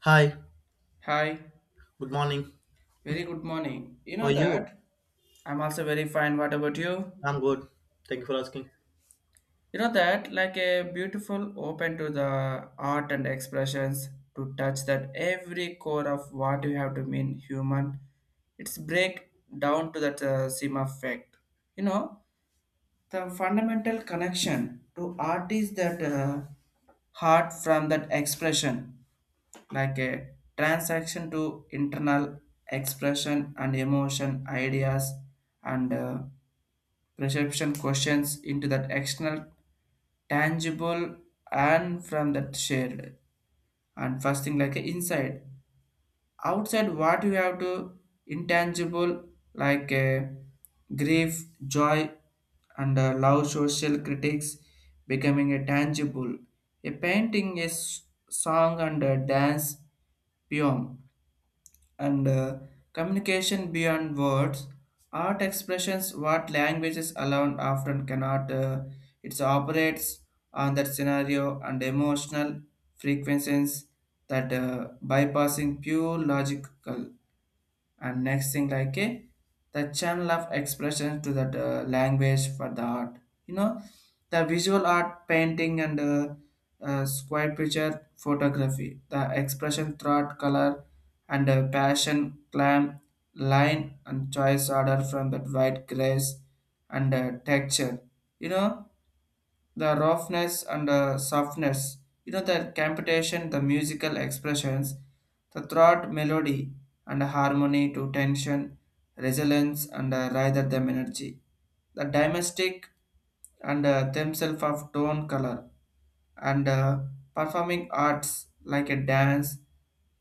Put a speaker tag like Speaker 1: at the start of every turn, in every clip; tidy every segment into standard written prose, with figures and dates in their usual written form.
Speaker 1: Hi,
Speaker 2: Hi,
Speaker 1: good morning.
Speaker 2: very good morning. You
Speaker 1: How are
Speaker 2: know
Speaker 1: you?
Speaker 2: that I'm also very fine. What about you?
Speaker 1: I'm good. Thank you for asking.
Speaker 2: You know that like a beautiful open to the art and expressions to touch that every core of what you have to mean human. It's break down to that seam effect. You know the fundamental connection to art is that heart from that expression. Like a transaction to internal expression and emotion ideas and perception questions into that external tangible and from that shared and first thing like a inside outside what you have to intangible like a grief joy and love social critics becoming a tangible a painting is song and a dance poem and communication beyond words. Art expressions what languages alone often cannot it operates on that scenario and emotional frequencies that bypassing pure logical and next thing like a the channel of expression to that language for the art. You know the visual art painting and square picture photography the expression throughout color and passion climb line and choice order from that white grace and texture. You know the roughness and the softness, you know, the computation, the musical expressions, the throat melody and the harmony to tension, resilience and rather than energy. The domestic and themselves of tone color and performing arts like a dance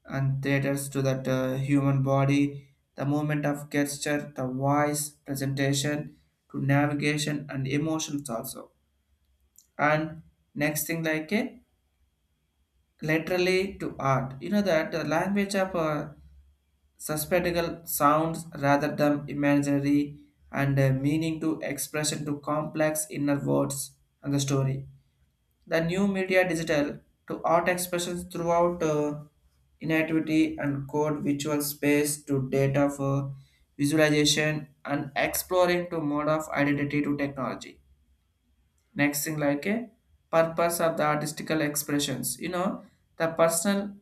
Speaker 2: and theaters to that human body, the movement of gesture, the voice, presentation to navigation and emotions also. And next thing like a literally to art you know that the language of suspectical sounds rather than imaginary and meaning to expression to complex inner words and the story the new media digital to art expressions throughout inactivity and code visual space to data for visualization and exploring to mode of identity to technology. Next thing like a purpose of the artistical expressions you know the personal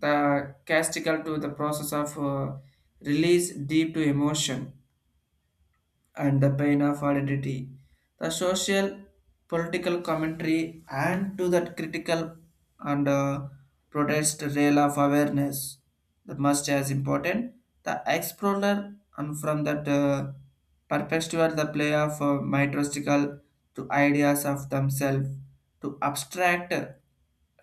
Speaker 2: the castical to the process of release deep to emotion and the pain of identity, the social, political commentary, and to that critical and protest rail of awareness. That must as important. The explorer and from that perpetuate the play of mythological to ideas of themselves to abstract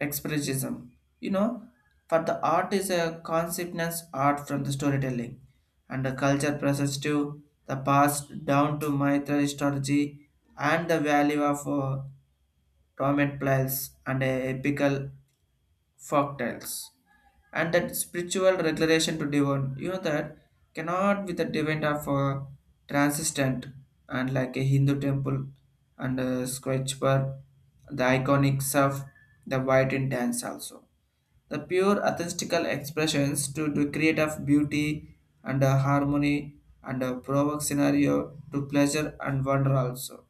Speaker 2: expressionism. You know, for the art is a conceptness art from the storytelling and the culture process to the past down to Maitreya strategy and the value of Tomet Pliles and a epical folktales and that spiritual regulation to divine you know that cannot be the divine of a transistent and like a hindu temple and a scratch bar the iconics of the white in dance also the pure authentical expressions to create of beauty and harmony and a provoke scenario to pleasure and wonder also.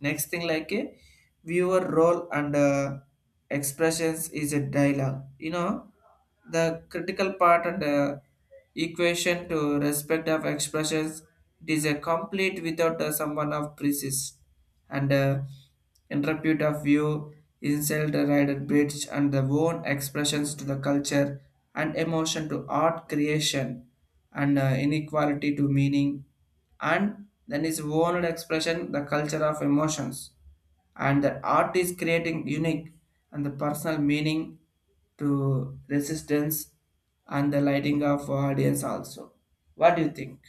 Speaker 2: Next thing like a viewer role and expressions is a dialogue. You know the critical part and equation to respect of expressions it is a complete without someone of precise and interpret of view insult the rider bridge and the own expressions to the culture and emotion to art creation and inequality to meaning and then is own expression the culture of emotions and the art is creating unique and the personal meaning to resistance and the lighting of audience also. What do you think?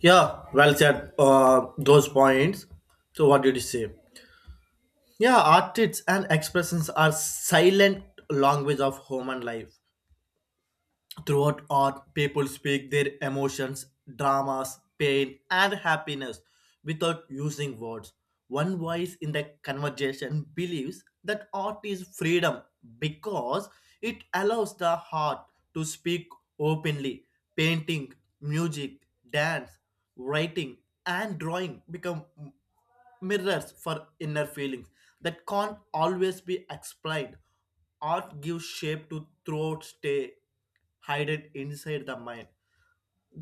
Speaker 1: Yeah, well said. Those points. So, what did you say? Yeah, artists and expressions are silent language of human life. Throughout art, people speak their emotions, dramas, pain, and happiness without using words. One voice in the conversation believes that art is freedom because it allows the heart to speak openly. Painting, music, dance, writing, and drawing become mirrors for inner feelings that can't always be explained. Art gives shape to throats stay hidden inside the mind.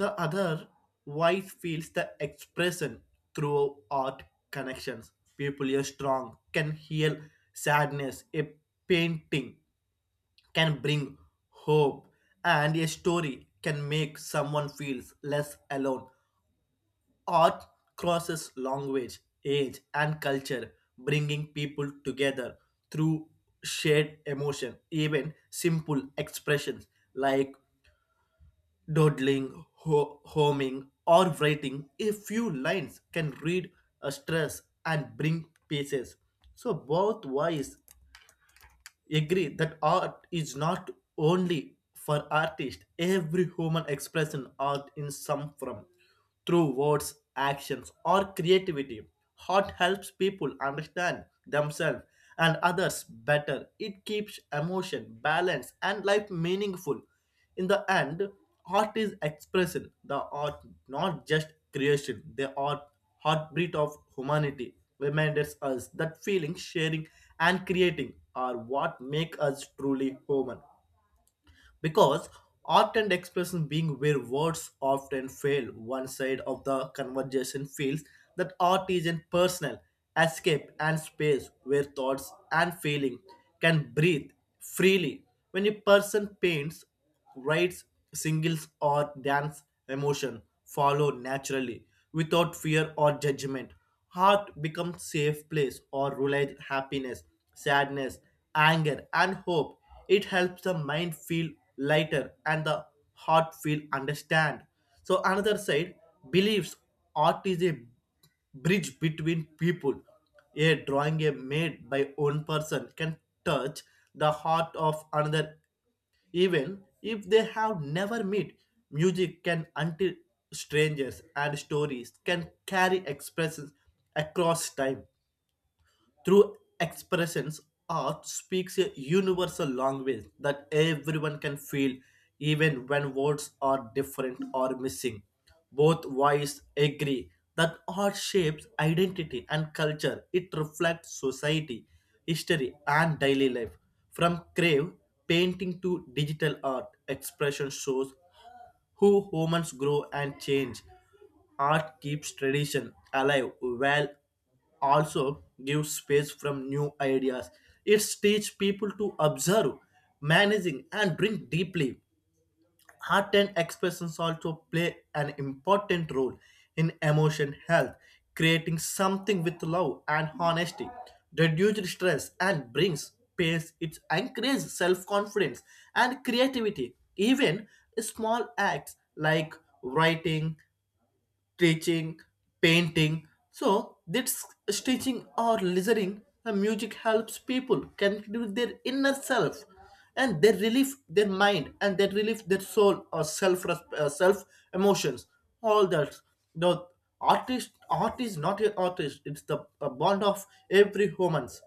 Speaker 1: The other voice feels the expression through art connections. People are strong, can heal sadness. A painting can bring hope, and a story can make someone feels less alone. Art crosses language, age, and culture, bringing people together through shared emotion. Even simple expressions like dawdling, homing, or writing a few lines can read a stress and bring pieces. So both voice agree that art is not only for artists. Every human expression art in some form, through words, actions, or creativity. Art helps people understand themselves and others better. It keeps emotion, balance, and life meaningful. In the end, art is expression, the art, not just creation, the art, heartbeat of humanity, reminds us that feeling, sharing, and creating are what make us truly human, because art and expression being where words often fail. One side of the conversation feels that art is a personal escape, and space where thoughts and feeling can breathe freely. When a person paints, rites, singles, or dance, emotion follow naturally without fear or judgment. Heart becomes safe place or relies happiness, sadness, anger, and hope. It helps the mind feel lighter and the heart feel understand. So another side, beliefs. Art is a bridge between people. A drawing a made by one person can touch the heart of another, even if they have never met. Music can until strangers, and stories can carry expressions across time. Through expressions, art speaks a universal language that everyone can feel, even when words are different or missing. Both voices agree that art shapes identity and culture. It reflects society, history, and daily life. From crave painting to digital art, expression shows who humans grow and change. Art keeps tradition alive while also gives space from new ideas. It teaches people to observe, managing, and drink deeply. Art and expressions also play an important role in emotion health, creating something with love and honesty, reduces stress and brings peace. It encourages self-confidence and creativity. Even small acts like writing, stitching, painting. So this stitching or listening, the music helps people connect with their inner self, and they relieve their mind, and they relieve their soul or self, self emotions. All that. The artist art is not an artist. It's the a bond of every humans,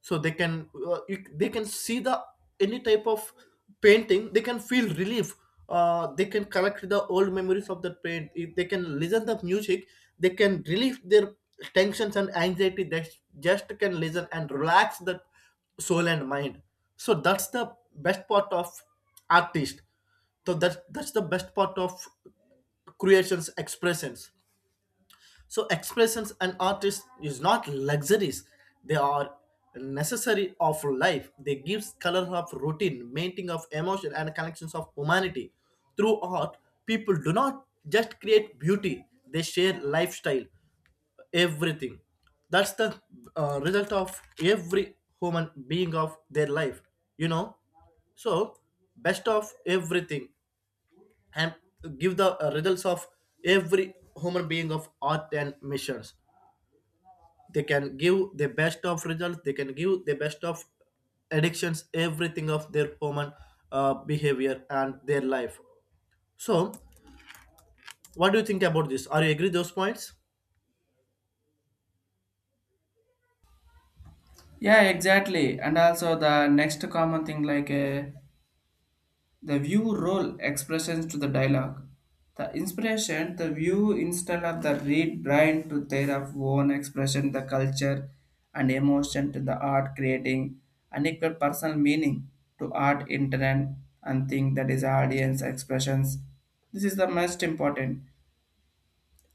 Speaker 1: so they can they can see the any type of painting, they can feel relief, they can collect the old memories of that paint if they can listen the music, they can relieve their tensions and anxiety, they just can listen and relax the soul and mind. So that's the best part of artist. So that's the best part of creations expressions. So expressions and artists is not luxuries; they are necessary of life. They gives color of routine, mating of emotion, and connections of humanity. Through art, people do not just create beauty; they share lifestyle, everything. That's the result of every human being of their life. You know, so best of everything, and give the results of every human being of art and missions, they can give the best of results, they can give the best of addictions, everything of their human behavior and their life. So what do you think about this? Are you agree those points?
Speaker 2: Yeah, exactly. And also the next common thing like a the view role expressions to the dialogue. The inspiration, the view instead of the read brain to their of own expression, the culture and emotion to the art creating unequal personal meaning to art intent and think that is audience expressions. This is the most important.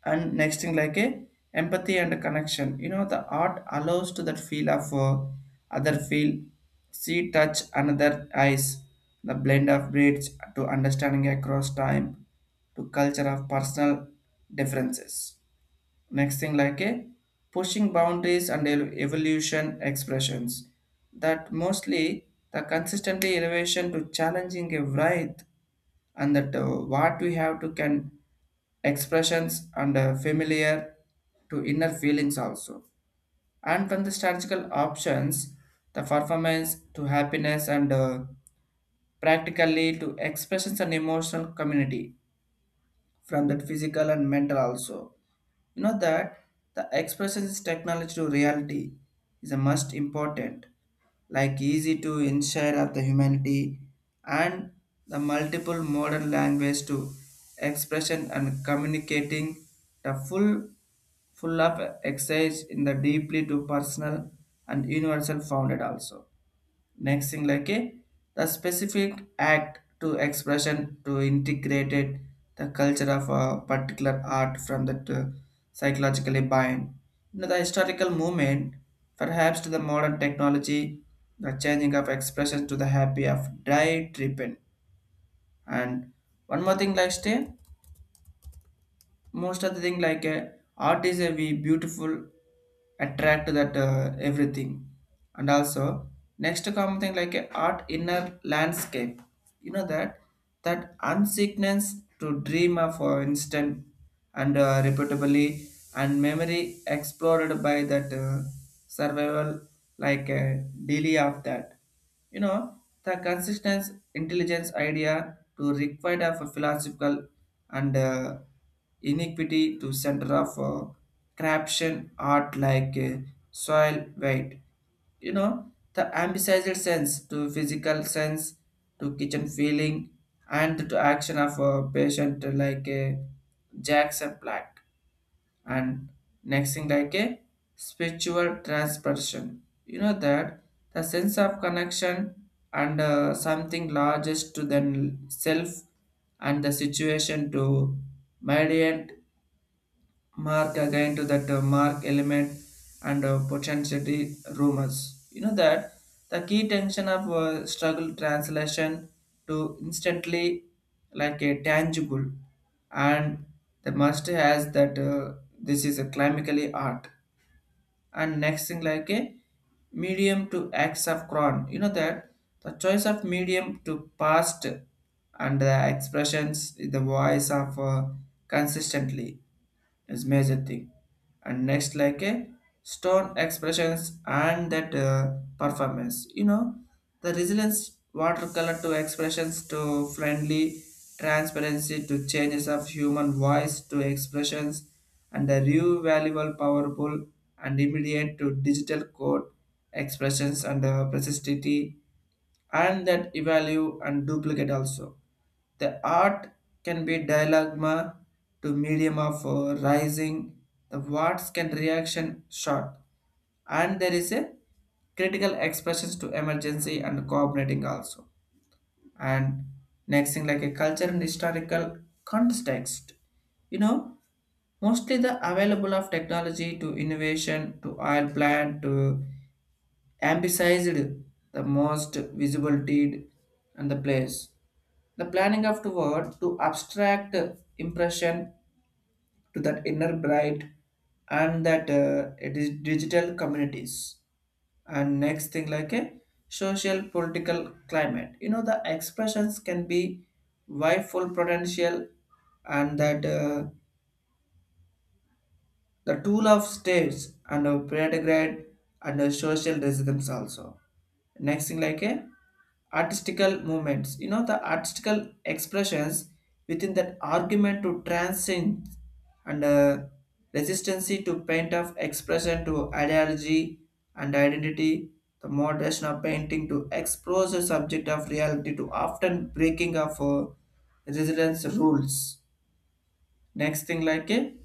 Speaker 2: And next thing like a empathy and connection you know the art allows to that feel of other feel see touch another eyes the blend of breeds to understanding across time to culture of personal differences. Next thing like a pushing boundaries and evolution expressions that mostly the consistently elevation to challenging a variety and that what we have to can expressions and familiar to inner feelings also. And from the strategical options the performance to happiness and practically to expressions and emotional community from that physical and mental also. You know that the expressions technology to reality is a must important, like easy to ensure of the humanity and the multiple modern language to expression and communicating the full of exercise in the deeply to personal and universal founded also. Next thing like a the specific act to expression to integrated the culture of a particular art from that psychologically bind. You know, the historical movement, perhaps to the modern technology, the changing of expression to the happy of dry treatment. And one more thing like stay most of the thing like art is a we beautiful attract to that everything. And also next common thing like art inner landscape you know that unsickness to dream of instant and repeatably and memory explored by that survival like daily of that. You know, the consistent intelligence idea to required of a philosophical and iniquity to center of corruption art like soil weight. You know, the ambitious sense to physical sense to kitchen feeling and to action of a patient like Jackson Black. And next thing like a spiritual transperson you know that the sense of connection and something largest to the self and the situation to mediate mark again to that mark element and potentiality rumors. You know that the key tension of struggle translation to instantly like a tangible and the master has that this is a clinically art. And next thing like a medium to acts of cron you know that the choice of medium to past and the expressions the voice of consistently is major thing. And next like a stone expressions and that performance you know the resilience watercolor to expressions to friendly transparency to changes of human voice to expressions and the new valuable powerful and immediate to digital code expressions and persistity and that evalue and duplicate also. The art can be dialogma to medium of rising, the words can reaction short, and there is a critical expressions to emergency and coordinating also. And next thing like a culture and historical context. You know, mostly the available of technology to innovation to oil plant to emphasized the most visible deed and the place. The planning of the word to abstract impression to that inner bright and that it is digital communities. And next thing like a social political climate. You know the expressions can be wifeful potential and that the tool of states and of pedagogy and of social resistance also. Next thing like a artistical movements. You know the artistical expressions within that argument to transcend and resistancy to paint of expression to ideology and identity. The moderation of painting to expose the subject of reality to often breaking of resilience rules. Next thing like a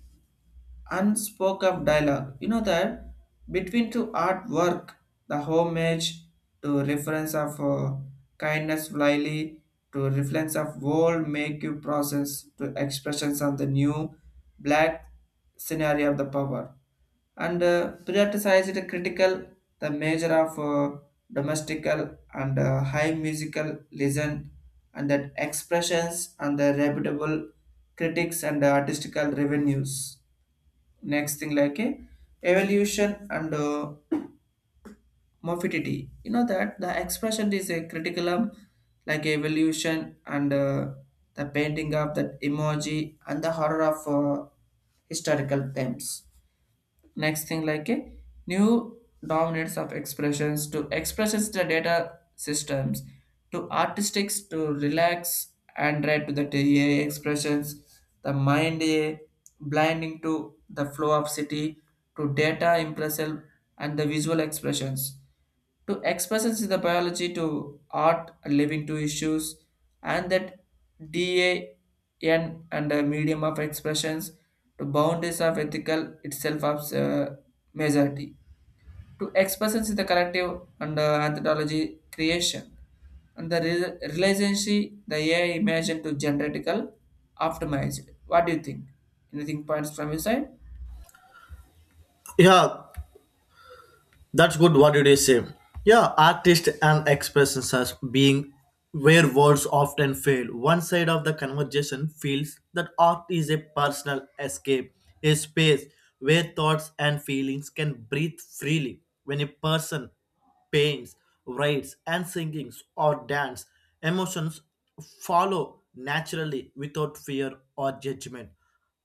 Speaker 2: unspoken dialogue. You know that between two artwork, the homage to reference of kindness flyly to reference of world make you process to expressions of the new black scenario of the power and prioritize it critical the measure of domestical and high musical listen and that expressions and the reputable critics and artistical revenues. Next thing like a evolution and morphidity you know that the expression is a critical like evolution and the painting of that emoji and the horror of historical themes. Next thing like a new dominance of expressions to expressions to the data systems to artistics to relax and read to the AI expressions the mind a blinding to the flow of city to data impressive and the visual expressions to expressions in the biology to art living to issues and that dan and a medium of expressions to boundaries of ethical itself of majority to expressions in the collective and anthropology creation and the relationship the AI imagine to genetical optimized. What do you think? Anything points from your side?
Speaker 1: Yeah, that's good. What did you say? Yeah, artist and expressions as being where words often fail. One side of the conversation feels that art is a personal escape, a space where thoughts and feelings can breathe freely. When a person paints, writes, and singings or dance, emotions follow naturally without fear or judgment.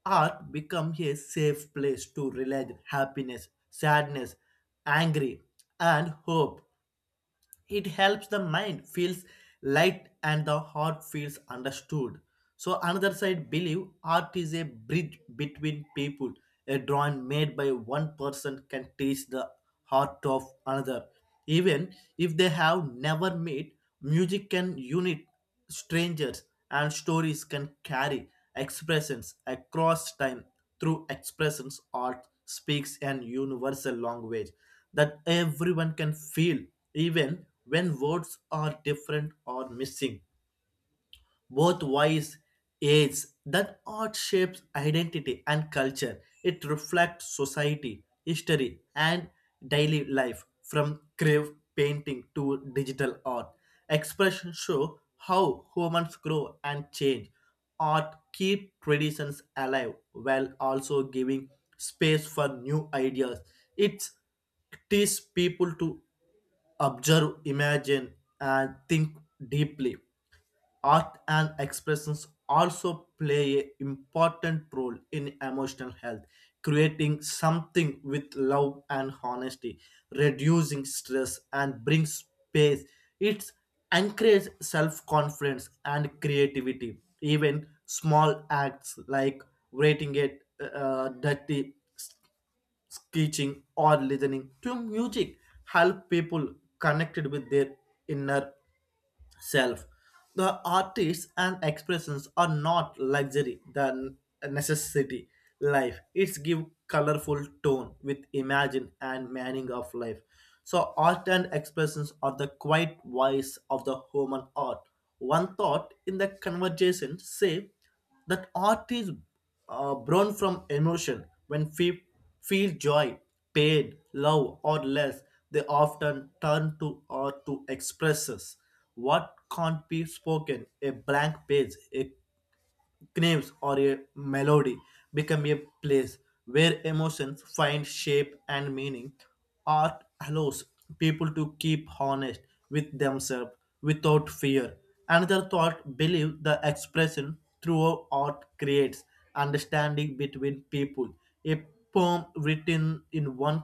Speaker 1: Art becomes a safe place to relieve happiness, sadness, angry, and hope. It helps the mind feels light and the heart feels understood. So another side believe art is a bridge between people. A drawing made by one person can teach the heart of another. Even if they have never met, music can unite strangers, and stories can carry expressions across time. Through expressions, art speaks an universal language that everyone can feel, even when words are different or missing. Both wise age that art shapes identity and culture. It reflects society, history, and daily life. From grave painting to digital art, expressions show how humans grow and change. Art keep traditions alive while also giving space for new ideas. It's teaches people to observe, imagine, and think deeply. Art and expressions also play an important role in emotional health, creating something with love and honesty, reducing stress and brings space. It encourage self-confidence and creativity. Even small acts like rating it, dirty sketching, or listening to music help people connected with their inner self. The artists and expressions are not luxury, the necessity. Life it's give colorful tone with imagine and meaning of life. So art and expressions are the quiet voice of the human art. One thought in the conversation say that art is born from emotion. When we feel joy, pain, love, or less, they often turn to art to express us what can't be spoken. A blank page, a names, or a melody become a place where emotions find shape and meaning. Art allows people to keep honest with themselves without fear. Another thought believe the expression through art creates understanding between people. A poem written in one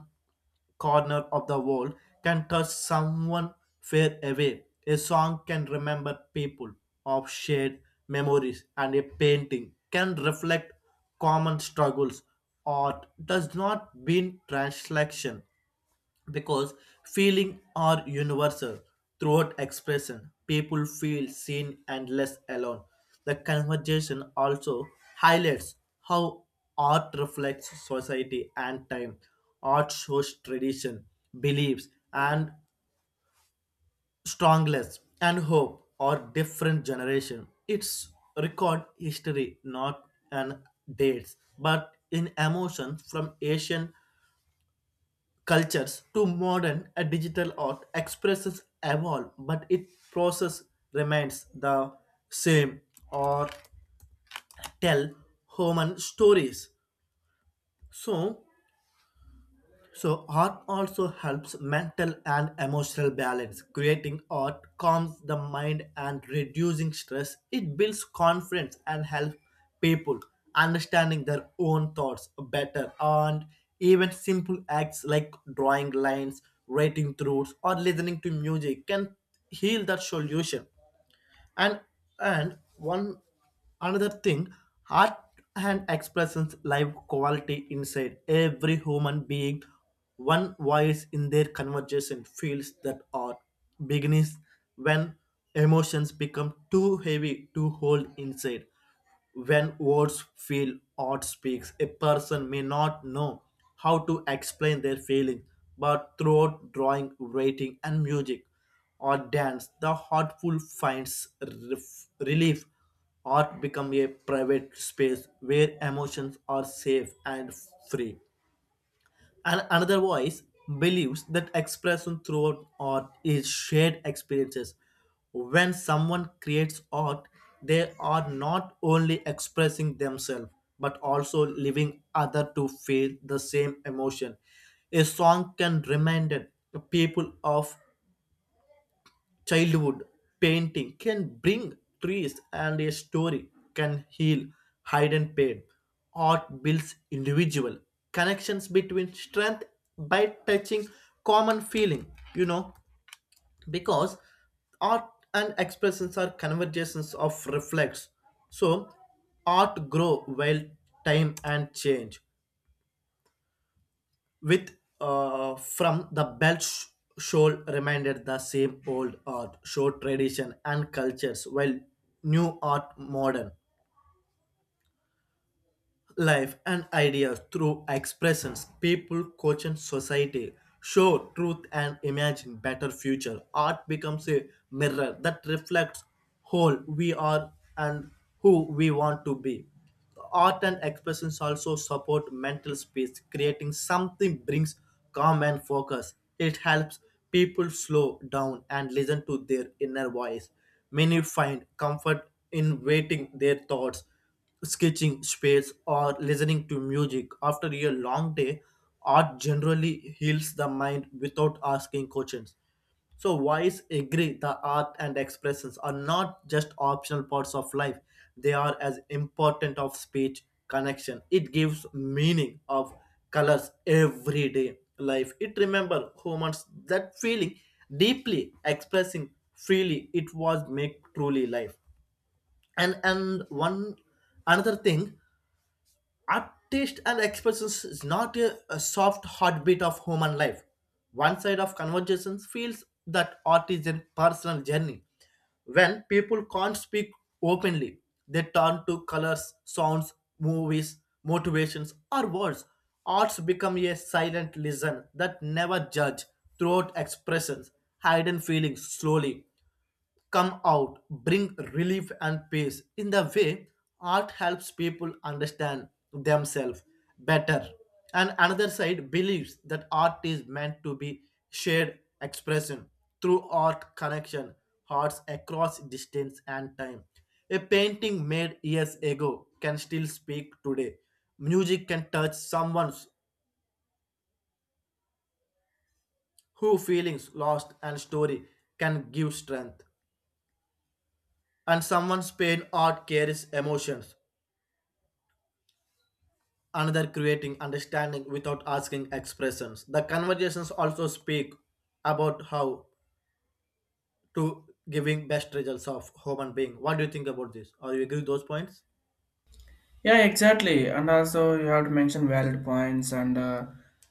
Speaker 1: corner of the world can touch someone far away. A song can remember people of shared memories, and a painting can reflect common struggles. Art does not mean translation, because feeling are universal. Throughout expression, people feel seen and less alone. The conversation also highlights how art reflects society and time. Art shows tradition, beliefs, and strongness and hope or different generation. It's record history, not an dates, but in emotion. From ancient cultures to modern a digital art, expresses evolve, but its process remains the same, or tell human stories. So So, art also helps mental and emotional balance. Creating art calms the mind and reducing stress. It builds confidence and helps people understanding their own thoughts better. And even simple acts like drawing lines, writing throughs, or listening to music can heal that solution. And and one another thing, art and expressions live quality inside every human being. One voice in their conversation feels that art begins when emotions become too heavy to hold inside. When words feel or speaks, a person may not know how to explain their feelings, but throughout drawing, writing, and music or dance, the heartful finds relief. Art become a private space where emotions are safe and free. And another voice believes that expression throughout art is shared experiences. When someone creates art, they are not only expressing themselves but also leaving other to feel the same emotion. A song can remind people of childhood, painting can bring trees, and a story can heal hidden pain. Art builds individual connections between strength by touching common feeling, you know because art and expressions are conversations of reflex. So art grow while time and change, with from the Belt Shoal reminded the same old art, show tradition and cultures, while new art modern life and ideas through expressions people culture, and society show truth and imagine better future. Art becomes a mirror that reflects whole we are and who we want to be. Art and expressions also support mental space. Creating something brings calm and focus. It helps people slow down and listen to their inner voice. Many find comfort in waiting their thoughts, sketching space, or listening to music after a long day. Art generally heals the mind without asking questions. So wise agree the art and expressions are not just optional parts of life. They are as important of speech connection. It gives meaning of colors everyday life. It remember humans that feeling deeply expressing freely. It was make truly life. And one another thing, artist and expressions is not a soft heartbeat of human life. One side of conversations feels that art is a personal journey. When people can't speak openly, they turn to colors, sounds, movies, motivations, or words. Arts become a silent listen that never judge. Throat expressions, hidden feelings slowly come out, bring relief and peace. In the way, art helps people understand themselves better. And another side believes that art is meant to be shared expression through art connection, hearts across distance and time. A painting made years ago can still speak today. Music can touch someone's who feelings lost and story can give strength. And someone's pain art carries emotions, another creating understanding without asking expressions. The conversations also speak about how to giving best results of human being. What do you think about this? Are you agree with those points?
Speaker 2: Yeah, exactly. And also you have to mention valid points and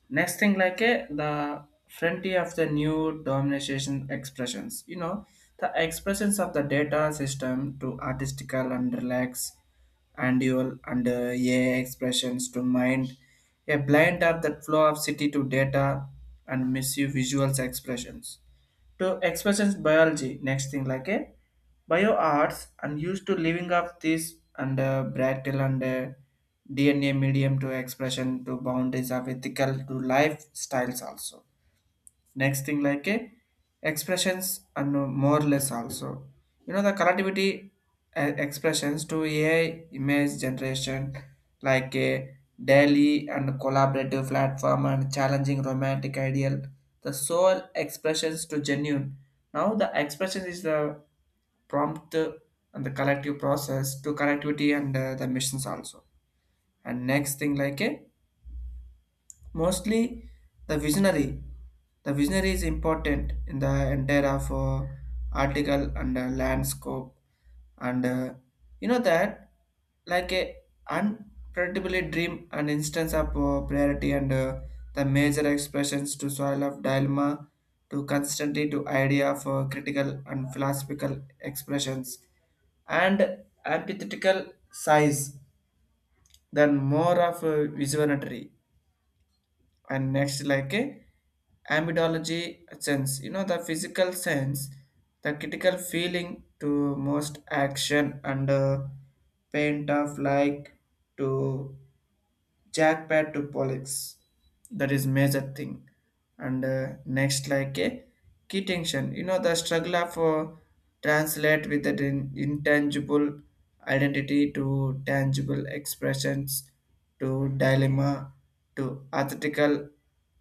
Speaker 2: next thing like the frontier of the new domination expressions. You know, the expressions of the data system to artistical and relax and dual and AI expressions to mind. A blind are that flow of city to data and misuse visuals expressions to expressions biology. Next thing like a bio arts and used to living up this and bractal and DNA medium to expression to boundaries of ethical to lifestyles also. Next thing like a expressions and more or less also you know the creativity expressions to AI image generation like a daily and collaborative platform and challenging romantic ideal the soul expressions to genuine now the expression is the prompt and the collective process to connectivity and the missions also. And next thing like a mostly the visionary the visionary is important in the entire of article and landscape and you know that like a unpredictably dream and instance of priority and the major expressions to soil of dilemma to constantly to idea of critical and philosophical expressions and antithetical size than more of a visionary. And next like a amidology sense you know the physical sense the critical feeling to most action and paint of like to jackpot to politics. That is major thing. And next, like a key tension. You know, the struggle of translate with the intangible identity to tangible expressions to dilemma to artistical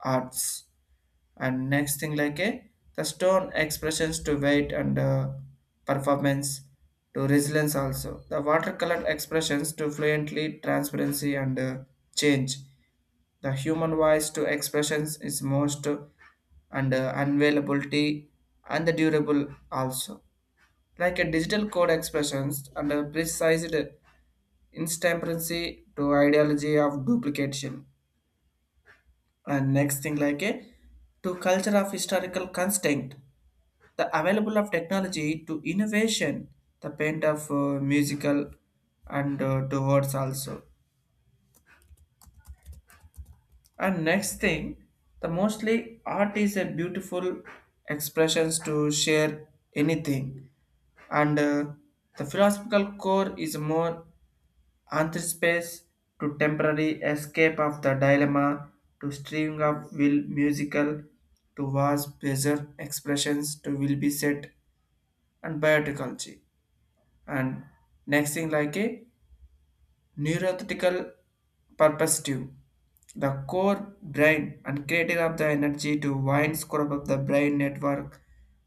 Speaker 2: arts. And next thing like a the stone expressions to weight and performance to resilience also the watercolor expressions to fluently transparency and change the human voice to expressions is most and unavailability and the durable also like a digital code expressions and a precise intemperancy to ideology of duplication. And next thing like a to culture of historical constraint, the available of technology to innovation, the bent of musical and towards also. And next thing, the mostly art is a beautiful expressions to share anything, and the philosophical core is more Anthropspace to temporary escape of the dilemma to streaming of will musical to wasp pleasure expressions to will be set and biotechnology. And next thing like a neurothetical purpose the core brain and creating of the energy to wind score of the brain network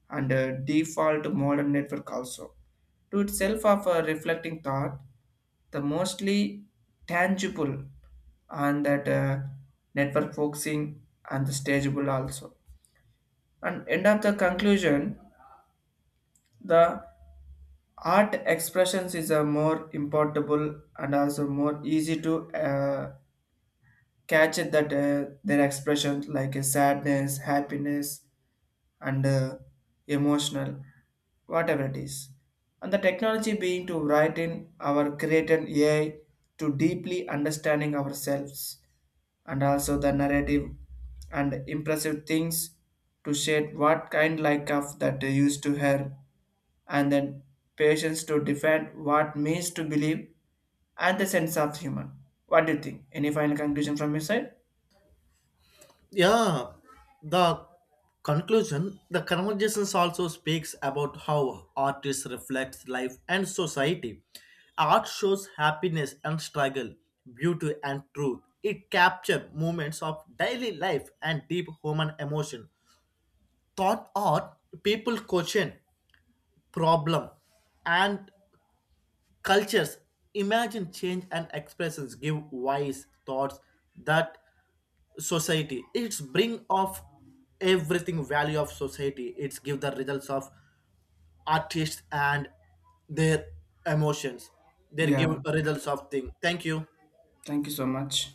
Speaker 2: and default modern network also to itself of a reflecting thought the mostly tangible and that network focusing and the stageable also. And end of the conclusion the art expressions is a more importable and also more easy to catch it that their expressions like a sadness happiness and emotional whatever it is and the technology being to write in our create an AI to deeply understanding ourselves and also the narrative and impressive things to shade what kind like of that they used to her and then patience to defend what means to believe and the sense of humor. What do you think? Any final conclusion from your side?
Speaker 1: Yeah, the conclusion, the conversations also speaks about how artists reflects life and society. Art shows happiness and struggle, beauty and truth. It captures moments of daily life and deep human emotion. Thought art, people question problem and cultures, imagine change, and expressions give wise thoughts that society it's bring of everything value of society it's give the results of artists and their emotions. They give
Speaker 2: Yeah,
Speaker 1: results of thing. Thank you.
Speaker 2: thank you so much.